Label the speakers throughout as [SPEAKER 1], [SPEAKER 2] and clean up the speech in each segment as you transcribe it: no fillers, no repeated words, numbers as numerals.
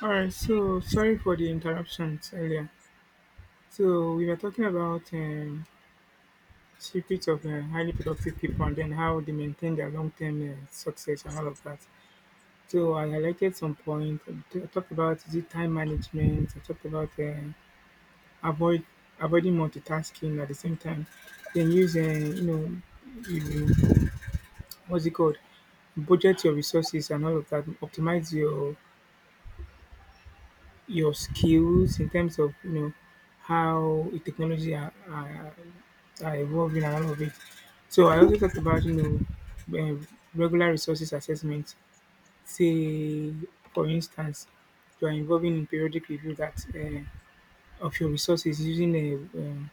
[SPEAKER 1] All right, so sorry for the interruptions earlier. So we were talking about secrets of highly productive people and then how they maintain their long-term success and all of that. So I highlighted some point. I talked about the time management. I talked about avoid avoiding multitasking at the same time. Then use you know you, what's it called budget your resources and all of that. Optimize your skills in terms of how technology are evolving and all of it. So I also talked about regular resources assessment. Say for instance, you are involving in periodic review that of your resources using a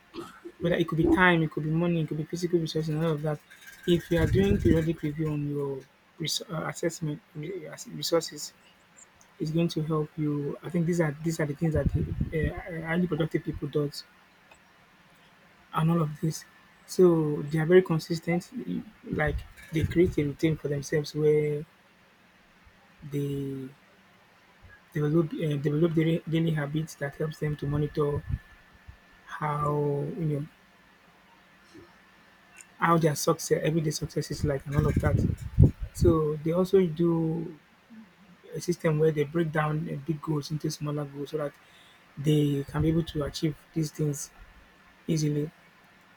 [SPEAKER 1] whether it could be time, it could be money, it could be physical resources and all of that. If you are doing periodic review on your resources, it's going to help you. I think these are the things that highly productive people does, and all of this. So they are very consistent. Like they create a routine for themselves where they develop daily habits that helps them to monitor how how their success everyday success is like and all of that. So they also do a system where they break down big goals into smaller goals so that they can be able to achieve these things easily.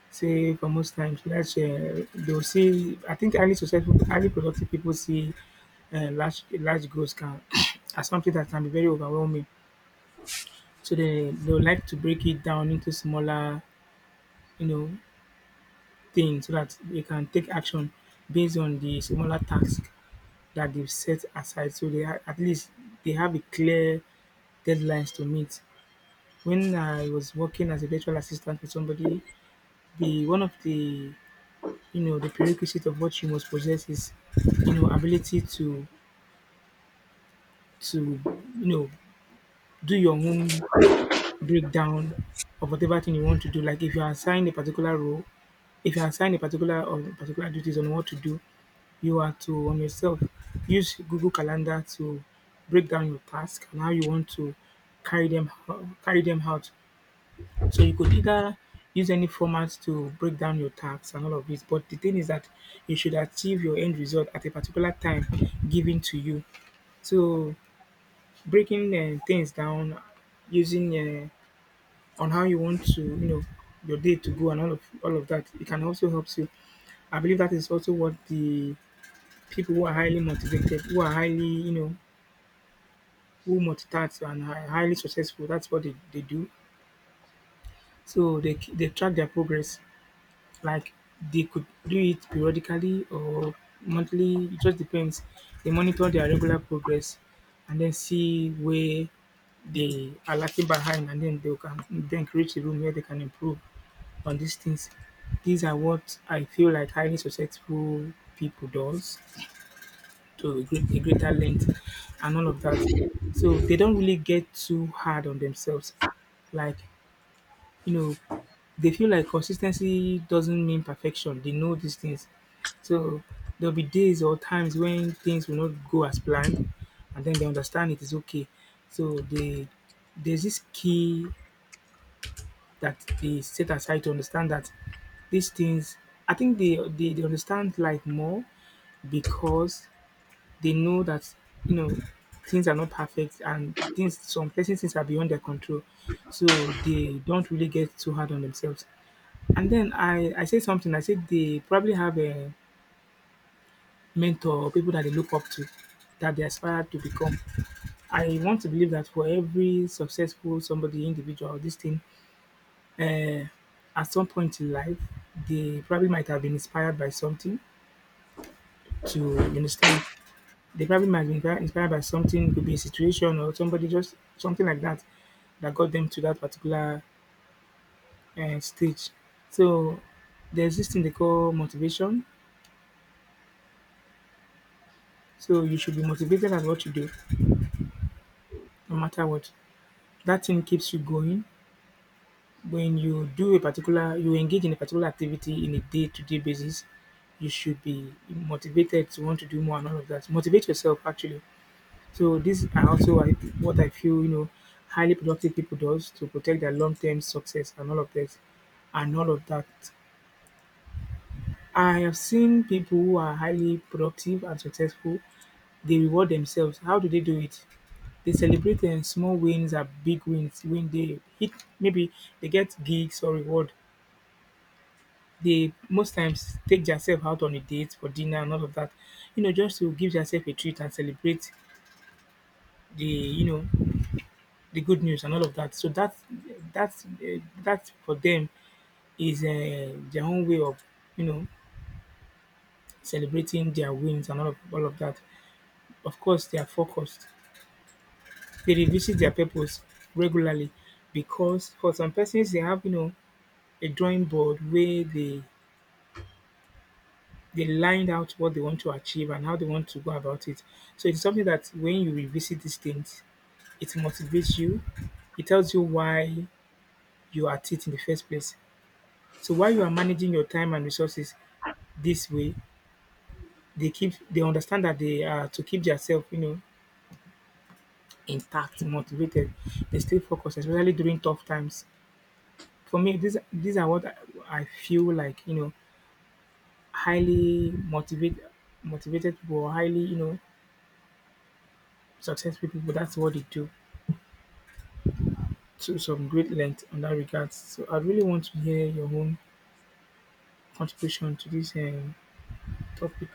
[SPEAKER 1] Say for most times large they will see, I think highly successful highly productive people see large large goals can as something that can be very overwhelming. So they would like to break it down into smaller, you know, things so that they can take action based on the smaller task that they've set aside. So they are at least they have a clear deadlines to meet. When I was working as a virtual assistant for somebody, the one of the the prerequisite of what you must possess is ability to you know do your own breakdown of whatever thing you want to do. Like if you are assigned a particular role, if you are assigned a particular or particular duties on what to do, you are to on yourself use Google Calendar to break down your task and how you want to carry them carry them out. So you could either use any format to break down your tasks and all of this. But the thing is that you should achieve your end result at a particular time given to you. So breaking things down, using on how you want to, your day to go and all of that, it can also help you. I believe that is also what the people who are highly motivated, who are highly, who multitask and are highly successful, that's what they do. So they track their progress. Like they could do it periodically or monthly, it just depends. They monitor their regular progress and then see where they are lacking behind and then they can then create a room where they can improve on these things. These are what I feel like highly successful people does to a greater length and all of that. So they don't really get too hard on themselves. Like you know, they feel like consistency doesn't mean perfection. They know these things. So there'll be days or times when things will not go as planned, and then they understand it is okay. So they there's this key that they set aside to understand that these things. I think they understand life more because they know that you know things are not perfect and things some places things are beyond their control. So they don't really get too hard on themselves. And then I say something, I said they probably have a mentor people that they look up to that they aspire to become. I want to believe that for every successful somebody, individual, this thing, uh, at some point in life, they probably might have been inspired by something to you understand. They probably might have been inspired by something, could be a situation or somebody, just something like that, that got them to that particular stage. So there's this thing they call motivation. So you should be motivated at what you do, no matter what. That thing keeps you going. When you do a particular, you engage in a particular activity in a day-to-day basis, you should be motivated to want to do more and all of that. Motivate yourself actually. So these are also what I feel highly productive people does to protect their long-term success and all of that. I have seen people who are highly productive and successful. They reward themselves. How do they do it? They celebrate small wins and big wins when they hit. Maybe they get gigs or reward. They most times take themselves out on a date for dinner and all of that. You know, just to give yourself a treat and celebrate the the good news and all of that. So that that for them is their own way of you know celebrating their wins and all of that. Of course they are focused. They revisit their purpose regularly because for some persons they have a drawing board where they lined out what they want to achieve and how they want to go about it. So it's something that when you revisit these things, it motivates you. It tells you why you are at it in the first place. So while you are managing your time and resources this way, they understand that they are to keep themselves, intact, motivated. They stay focused, especially during tough times. For me, these are what I feel like highly motivated, motivated people, or highly successful people. That's what they do to some great length on that regards. So I really want to hear your own contribution to this topic.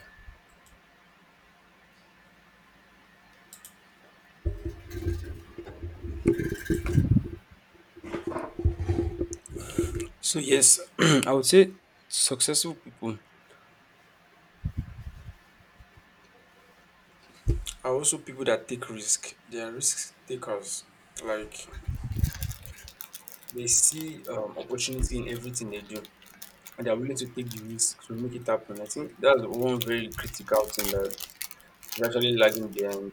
[SPEAKER 2] So yes, I would say successful people are also people that take risk. They are risk takers. Like they see opportunity in everything they do, and they are willing to take the risk to make it happen. I think that's one very critical thing that is actually lagging behind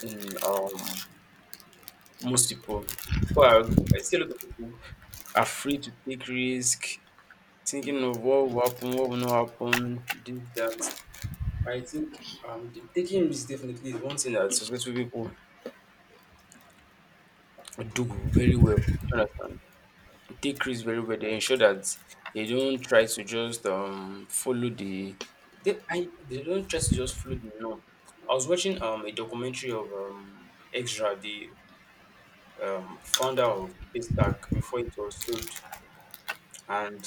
[SPEAKER 2] in most people. People are I see a lot of people afraid to take risk, thinking of what will happen, what will not happen, this that. I think taking risks definitely is one thing that successful people do very well. Do you understand? They take risks very well. They ensure that they don't try to just follow the they I, they don't try to just follow the norm. I was watching a documentary of Extra, the founder of Haystack before it was sold, and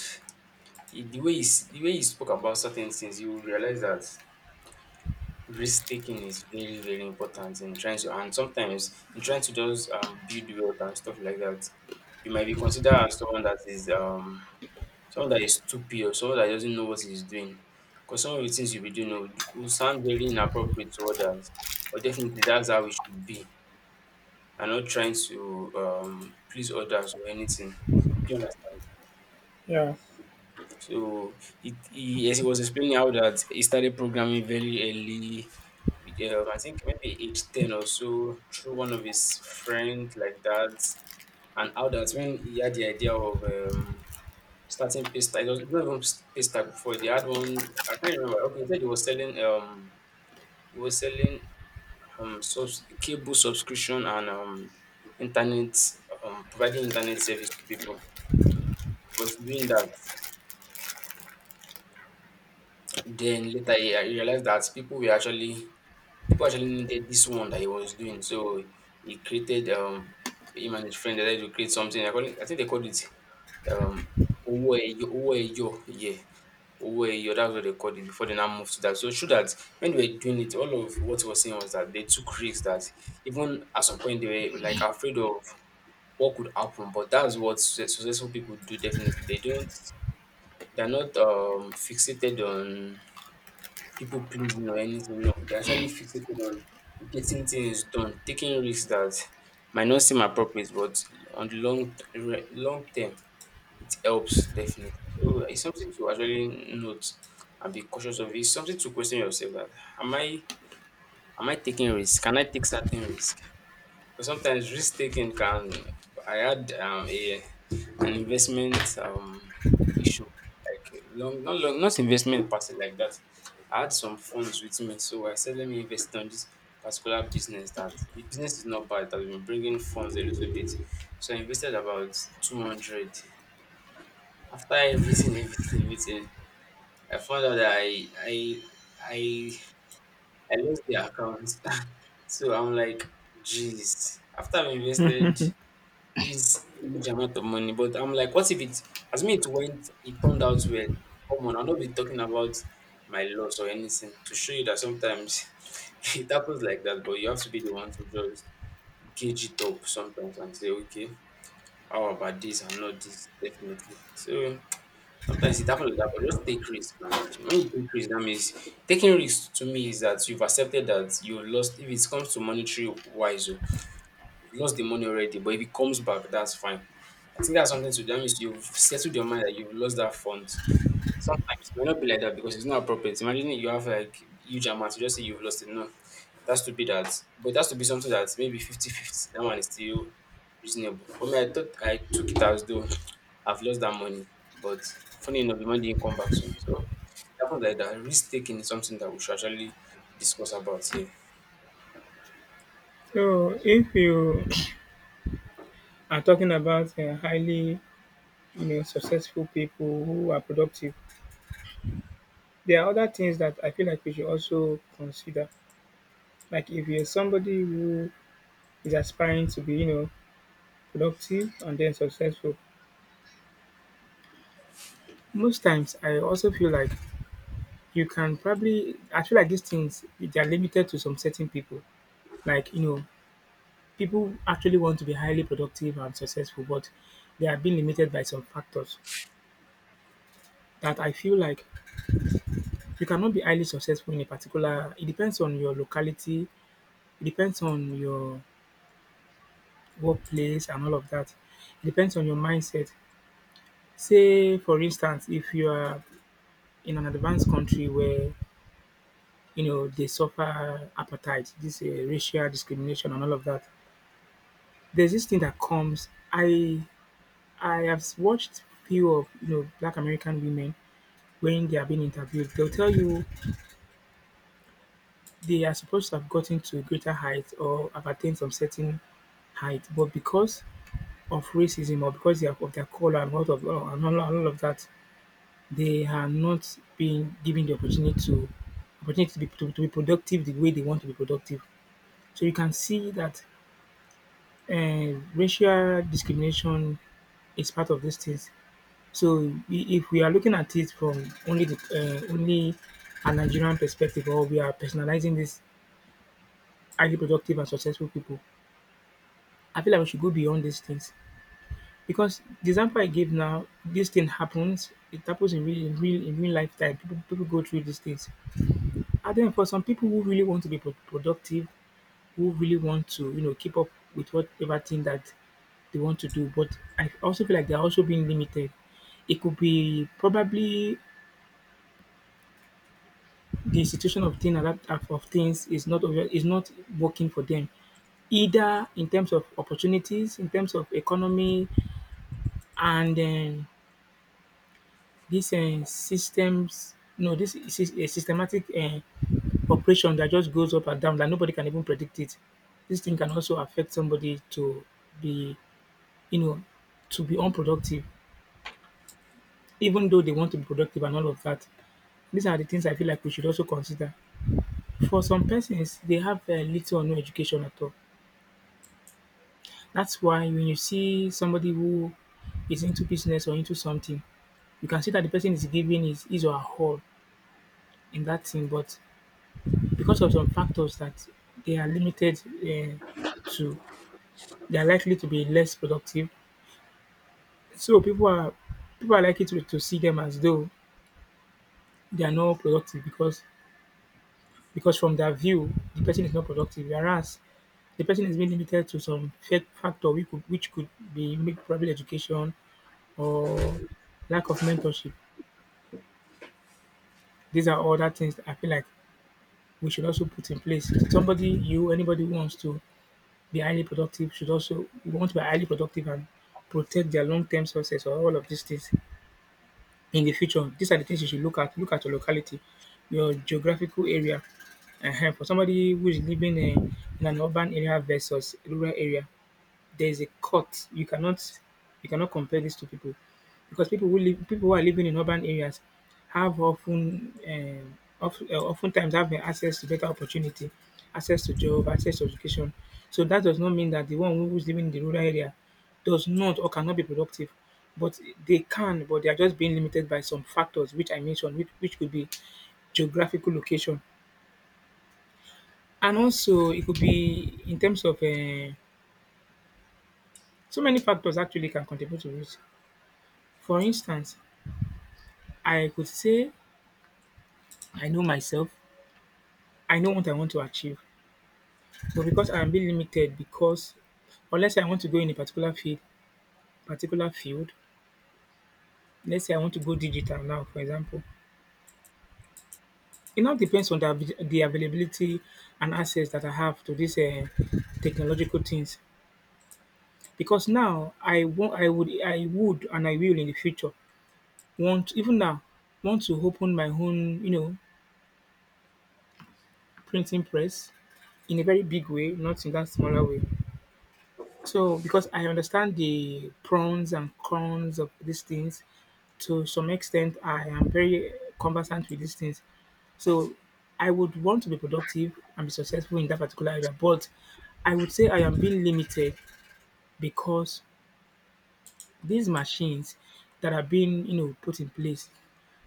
[SPEAKER 2] he, the way he s- the way he spoke about certain things, you will realize that risk taking is very very important in trying to and sometimes in trying to just build wealth and stuff like that, you might be considered as someone that is stupid, or someone that doesn't know what he's doing, because some of the things you'll be doing will sound very inappropriate to others, but definitely that's how we should be, and not trying to please others or anything. Do you understand?
[SPEAKER 1] Yeah.
[SPEAKER 2] So as he was explaining how that he started programming very early. I think maybe age 10 or so, through one of his friends like that, and how that when he had the idea of starting Paystack, it was not even Paystack before. They had one. I can't remember. Okay, he said he was selling he was selling cable subscription, and internet providing internet service to people. He was doing that. Then later I realized that people actually needed this one that he was doing. So he created him and his friend decided to create something. I think they called it um Owo Eyo. Owo Eyo, yeah. Owo Eyo, that's what they called it before they now moved to that. So it that when they were doing it, all of what he was saying was that they took risks, that even at some point they were like afraid of what could happen. But that's what successful people do, definitely. They're not fixated on people pleasing or anything. No, they're actually fixated on getting things done, taking risks that might not seem appropriate, but on the long term, it helps, definitely. So it's something to actually note and be cautious of. It's something to question yourself that am I am I taking risk. Can I take certain risk? But sometimes risk taking can. I had a an investment issue, like long not long, not investment per se, like that. I had some funds with me, so I said let me invest on this particular business, that the business is not bad, that we've been bringing funds a little bit, so I invested about 200. After everything, everything, everything, I found out that I I lost the account. So I'm like, jeez. After I've invested this huge amount of money. But I'm like, what if it, as me, it turned out well. Come on, I'll not be talking about my loss or anything, to show you that sometimes it happens like that, but you have to be the one to just gauge it up sometimes and say, okay, how about this and not this, definitely. So sometimes it happens like that, but just take risk. And when you take risk, that means taking risk to me is that you've accepted that you lost. If it comes to monetary wise, oh, you lost the money already, but if it comes back, that's fine. I think that's something to do. That means you've settled your mind that you've lost that fund. Sometimes it may not be like that because it's not appropriate. Imagine you have like huge amounts, you just say you've lost it. No, that's to be that. But it has to be something that's maybe 50-50. That one is still reasonable. For me, I thought I took it as though I've lost that money. But funny enough, the money didn't come back to me. So it happens like that. Risk taking is something that we should actually discuss about here.
[SPEAKER 1] So if you are talking about highly, successful people who are productive, there are other things that I feel like we should also consider. Like if you're somebody who is aspiring to be, productive and then successful. Most times, I also feel like you can probably. I feel like these things they are limited to some certain people. Like people actually want to be highly productive and successful, but they are being limited by some factors. That I feel like you cannot be highly successful in a particular. It depends on your locality. It depends on your workplace and all of that. It depends on your mindset. Say, for instance, if you are in an advanced country where they suffer apartheid, this racial discrimination and all of that. There's this thing that comes. I have watched few of Black American women when they are being interviewed. They'll tell you they are supposed to have gotten to a greater height or have attained some certain height, but because of racism or because they are of their color and all of that, they are not being given the opportunity to to be productive the way they want to be productive. So you can see that racial discrimination is part of these things. So if we are looking at it from only the only a Nigerian perspective, or we are personalizing these highly productive and successful people, I feel like we should go beyond these things because the example I gave now, this thing happens. It happens in real, in real, in real lifetime. People go through these things, and then for some people who really want to be productive who really want to, keep up with whatever thing that they want to do. But I also feel like they're also being limited. It could be probably the situation of thing that of things is not over- is not working for them, either in terms of opportunities, in terms of economy, and then these systems. No, this is a systematic operation that just goes up and down that nobody can even predict it. This thing can also affect somebody to be you know, to be unproductive, even though they want to be productive and all of that. These are the things I feel like we should also consider. For some persons, they have little or no education at all. That's why when you see somebody who is into business or into something, you can see that the person is giving his or her all in that thing, but because of some factors that they are limited to, they are likely to be less productive. So people are likely to see them as though they are not productive because from their view, the person is not productive. Whereas the person is being limited to some factor which could be maybe probably education or lack of mentorship. These are all that things that I feel like we should also put in place. Somebody, you, anybody who wants to be highly productive should also want to be highly productive and protect their long-term success or all of these things. In the future, these are the things you should look at. Look at your locality, your geographical area. Ehen, for somebody who is living in an urban area versus rural area, there's a cut. You cannot compare this to people because people who are living in urban areas have oftentimes have access to better opportunity, access to job, access to education. So that does not mean that the one who is living in the rural area does not or cannot be productive. But they can, but they are just being limited by some factors which I mentioned, which could be geographical location. And also, it could be in terms of so many factors actually can contribute to it. For instance, I could say I know myself, I know what I want to achieve, but because I'm being limited because unless I want to go in a particular field, let's say I want to go digital now for example, it now depends on the avi the availability and access that I have to these technological things. Because now I want, I would and I will in the future want even now want to open my own, you know, printing press in a very big way, not in that smaller way. So, because I understand the pros and cons of these things, to some extent, I am very conversant with these things. So, I would want to be productive and be successful in that particular area, but I would say I am being limited because these machines that are being, you know, put in place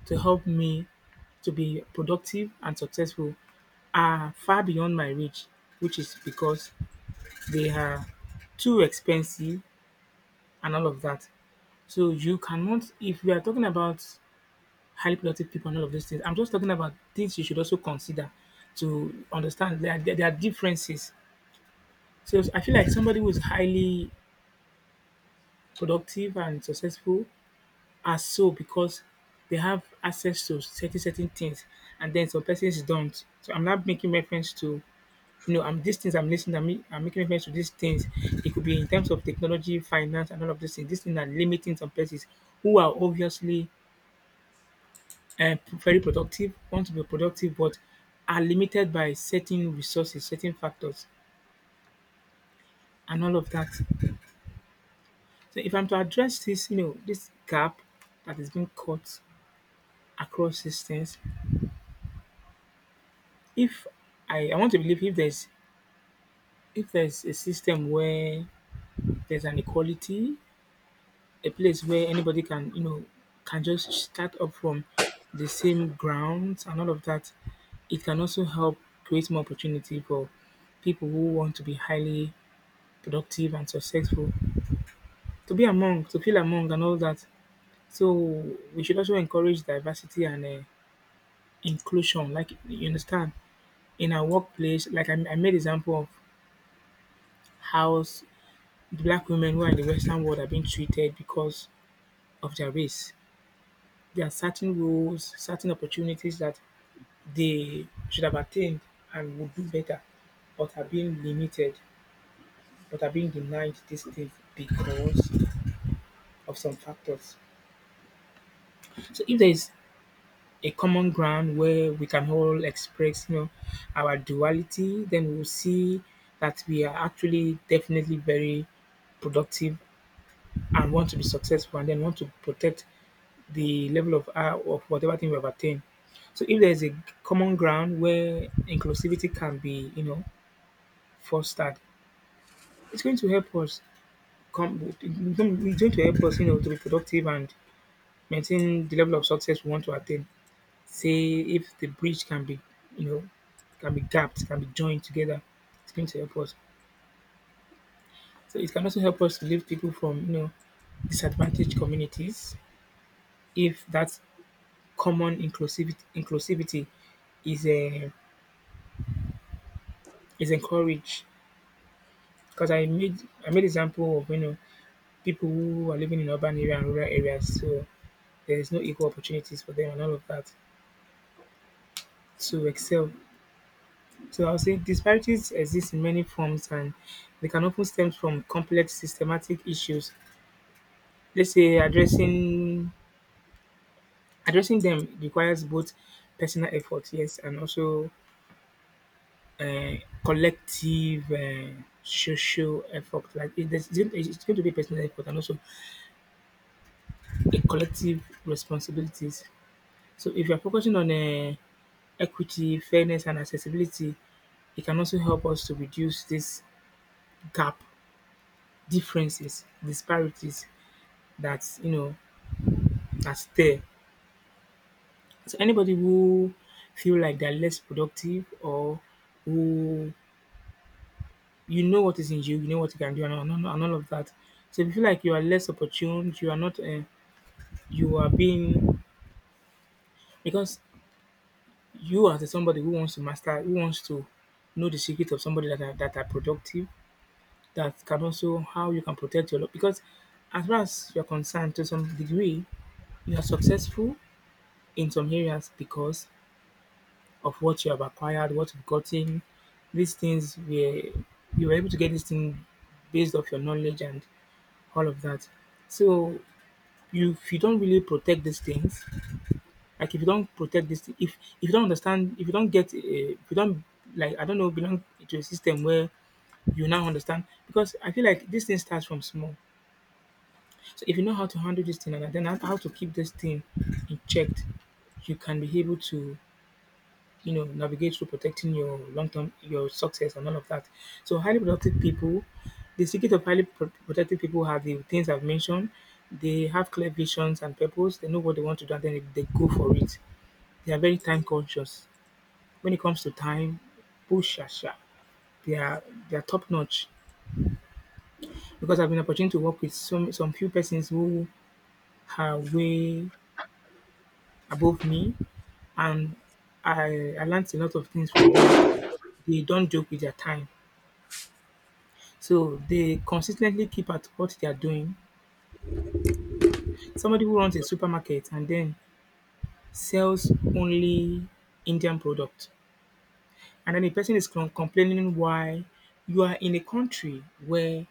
[SPEAKER 1] to help me to be productive and successful are far beyond my reach, which is because they are too expensive and all of that. So you cannot, if we are talking about highly productive people and all of those things, I'm just talking about things you should also consider to understand that there are differences. So I feel like somebody who is highly productive and successful are so because they have access to certain things, and then some persons don't. So I'm not making reference to you know, I'm these things I'm listening, I'm, ma- I'm making reference to these things. It could be in terms of technology, finance, and all of these things. These things are limiting some persons who are obviously very productive, want to be productive, but are limited by certain resources, certain factors, and all of that. So if I'm to address this, you know, this gap that is being cut across systems, if I want to believe if there's a system where there's an equality, a place where anybody can, you know, can just start up from the same grounds and all of that, it can also help create more opportunity for people who want to be highly productive and successful to be among to feel among and all that. So we should also encourage diversity and inclusion, like you understand in our workplace, like I made example of how black women who are in the western world are being treated because of their race. There are certain roles, certain opportunities that they should have attained and would do better, but are being limited, but are being denied these things because of some factors. So if there is a common ground where we can all express, you know, our duality, then we'll see that we are actually definitely very productive and want to be successful and then want to protect the level of whatever thing we have attained. So if there's a common ground where inclusivity can be, you know, fostered, it's going to help us it's going to help us, you know, to be productive and maintain the level of success we want to attain. Say if the bridge can be, you know, can be gapped, can be joined together, it's going to help us. So it can also help us to lift people from, you know, disadvantaged communities if that common inclusivity is uh, is encouraged. Because I made example of, you know, people who are living in urban area and rural areas, so there is no equal opportunities for them and all of that to excel. So I'll say disparities exist in many forms and they can often stem from complex systematic issues. Let's say addressing them requires both personal effort, yes, and also uh, collective social effort. Like it's going to be personal effort and also a collective responsibilities. So if you're focusing on equity, fairness, and accessibility, it can also help us to reduce this gap, differences, disparities that's you know that's there. So anybody who feel like they're less productive or who you know what is in you, you know what you can do, of that. So if you feel like you are less opportune, you are not, you are being because you as a somebody who wants to master, who wants to know the secret of somebody that are productive, that can also how you can protect your life. Because as far as you're concerned, to some degree, you are successful in some areas because of what you have acquired, what you've gotten. These things were you were able to get this thing based off your knowledge and all of that. So you if you don't really protect these things, like if you don't protect this, if you don't understand, if you don't get, if you don't like, I don't know, belong to a system where you now understand, because I feel like this thing starts from small. So if you know how to handle this thing and then how to keep this thing in checked, you can be able to, you know, navigate through protecting your long term your success and all of that. So highly productive people, the secret of highly productive people have the things I've mentioned. They have clear visions and purpose. They know what they want to do, and then they go for it. They are very time conscious. When it comes to time, push asha. They are they are top notch because I've been opportunity to work with some few persons who are way above me, and I learned a lot of things from them. They don't joke with their time. So they consistently keep at what they are doing. Somebody who runs a supermarket and then sells only Indian product, and then the person is complaining why you are in a country where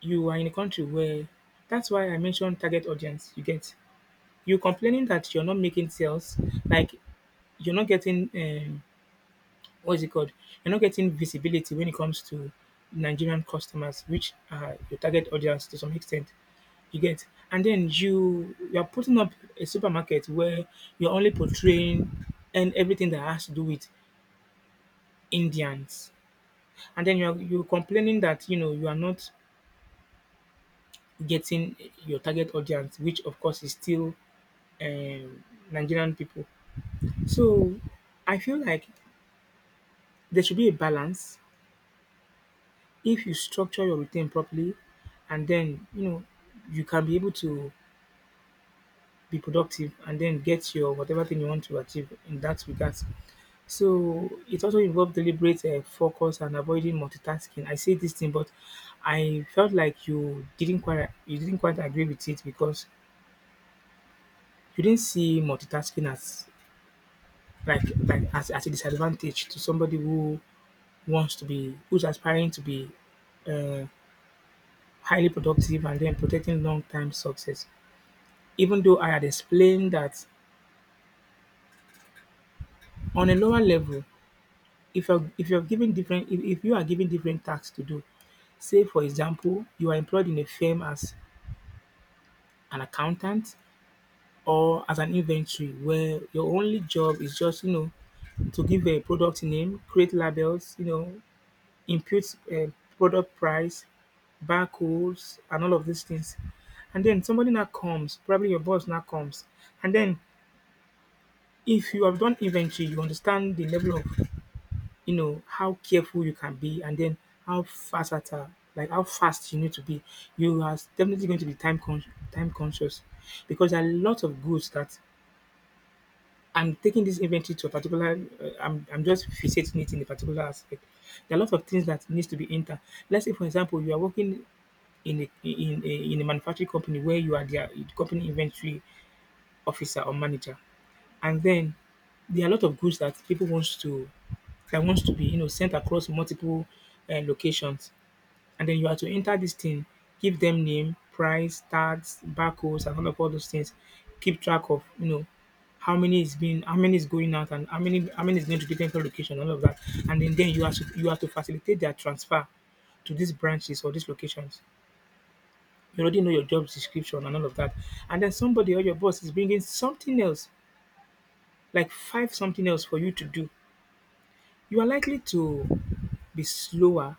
[SPEAKER 1] you are in a country where that's why I mentioned target audience. You get you complaining that you're not making sales, like you're not getting what is it called? You're not getting visibility when it comes to Nigerian customers, which are your target audience to some extent. You get? And then you are putting up a supermarket where you're only portraying and everything that has to do with Indians. And then you're complaining that, you know, you are not getting your target audience, which of course is still um, Nigerian people. So I feel like there should be a balance if you structure your return properly, and then you know you can be able to be productive and then get your whatever thing you want to achieve in that regard. So it also involved deliberate focus and avoiding multitasking. I say this thing, but I felt like you didn't quite agree with it because you didn't see multitasking as as a disadvantage to somebody who wants to be who's aspiring to be uh, highly productive and then protecting long-term success. Even though I had explained that on a lower level, if you're given different if you are given different tasks to do, say for example you are employed in a firm as an accountant or as an inventory, where your only job is just, you know, to give a product name, create labels, you know, input product price, barcodes, and all of these things. And then somebody now comes, probably your boss now comes, and then if you have done inventory you understand the level of, you know, how careful you can be, and then how versatile, like how fast you need to be. You are definitely going to be time conscious because there are a lot of goods that I'm taking this inventory to a particular. I'm just fixating it in a particular aspect. There are a lot of things that needs to be entered. Let's say, for example, you are working in a in a, in a manufacturing company where you are the company inventory officer or manager, and then there are a lot of goods that people wants to that wants to be, you know, sent across multiple locations. And then you are to enter this thing, give them name, price, tags, barcodes, and all those things. Keep track of, you know, how many is going out, and how many is going to different location, all of that. And then you are to facilitate their transfer to these branches or these locations. You already know your job description and all of that. And then somebody or your boss is bringing something else, like five something else for you to do, you are likely to be slower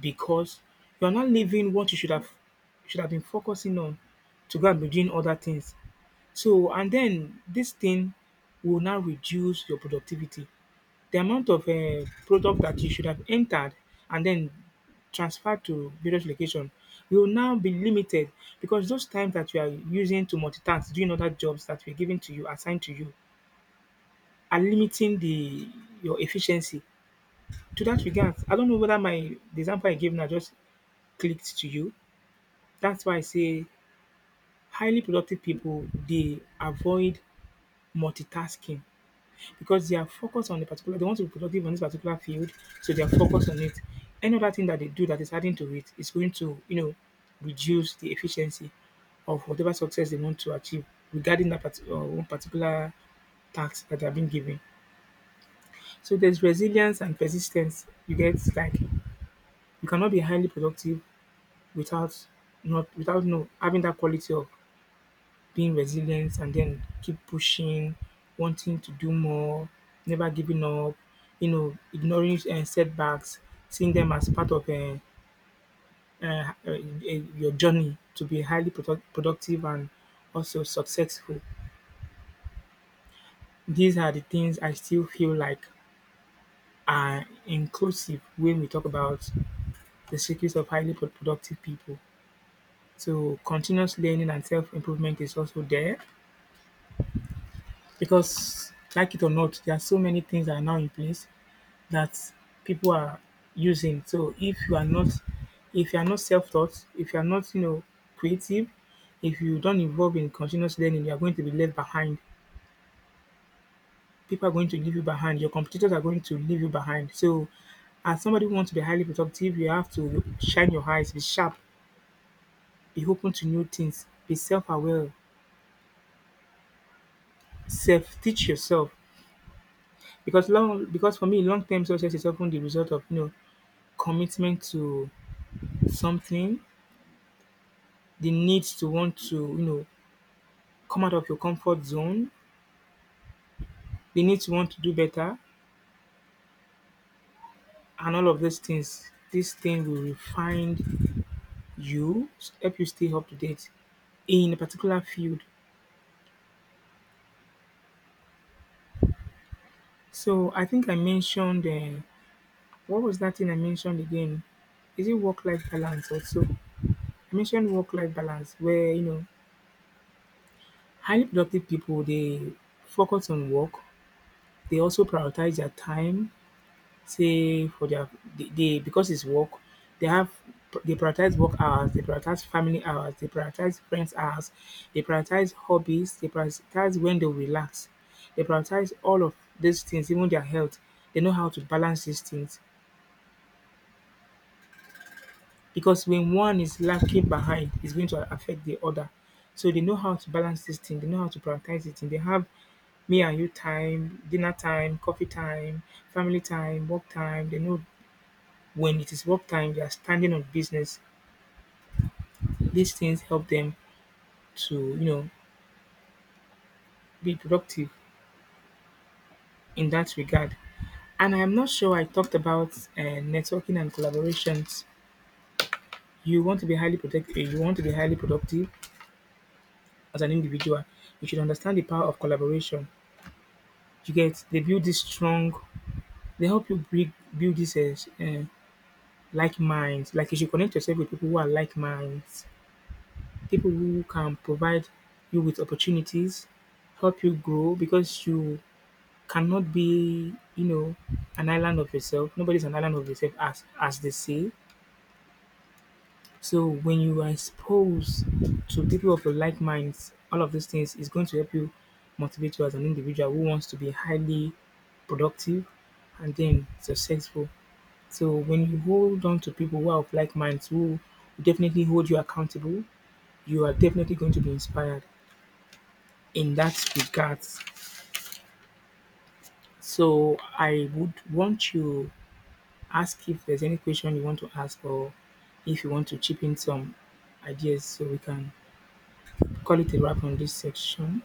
[SPEAKER 1] because you are not leaving what you should have been focusing on to go and be doing other things. So and then this thing will now reduce your productivity. The amount of product that you should have entered and then transferred to various location will now be limited because those times that you are using to multitask doing other jobs that were given to you assigned to you, and limiting the your efficiency. To that regard, I don't know whether my the example I gave now just clicked to you. That's why I say highly productive people, they avoid multitasking because they are focused on the particular, they want to be productive on this particular field, so they are focused on it. Any other thing that they do that is adding to it is going to, you know, reduce the efficiency of whatever success they want to achieve regarding that part, one particular task that they have been given. So there's resilience and persistence. You get, like you cannot be highly productive without, not without no, having that quality of being resilient and then keep pushing, wanting to do more, never giving up, you know, ignoring setbacks, seeing them as part of your journey to be productive and also successful. These are the things I still feel like are inclusive when we talk about the secrets of productive people. So continuous learning and self improvement is also there because, like it or not, there are so many things that are now in place that people are using. So if you are not self taught, if you are not, you know, creative, if you don't involve in continuous learning, you are going to be left behind. People are going to leave you behind. Your competitors are going to leave you behind. So, as somebody who wants to be highly productive, you have to shine your eyes, be sharp, be open to new things, be self aware, self teach yourself because long because for me long term success is often the result of, you know, commitment to something, the need to want to, you know, come out of your comfort zone, the need to want to do better, and all of these things. This thing will refine you, help you stay up to date in a particular field. So I think I mentioned what was that thing I mentioned again? Is it work life balance also? I mentioned work life balance where, you know, highly productive people, they focus on work, they also prioritize their time. Say for their, they because it's work they have, they prioritize work hours, they prioritize family hours, they prioritize friends hours, they prioritize hobbies, they prioritize when they relax, they prioritize all of these things, even their health. They know how to balance these things. Because when one is lacking behind, it's going to affect the other. So they know how to balance this thing. They know how to prioritize it. And they have me and you time, dinner time, coffee time, family time, work time. They know when it is work time, they are standing on business. These things help them to, you know, be productive in that regard. And I'm not sure I talked about networking and collaborations. You want to be highly productive. You want to be highly productive as an individual. You should understand the power of collaboration. You get? They build this strong. They help you build this like minds. Like you should connect yourself with people who are like minds, people who can provide you with opportunities, help you grow because you cannot be, you know, an island of yourself. Nobody's an island of yourself, as they say. So when you are exposed to people of your like minds, all of these things is going to help you, motivate you as an individual who wants to be highly productive and then successful. So when you hold on to people who are of like minds, who definitely hold you accountable, you are definitely going to be inspired in that regard. So I would want you ask if there's any question you want to ask, or if you want to chip in some ideas, so we can call it a wrap on this section.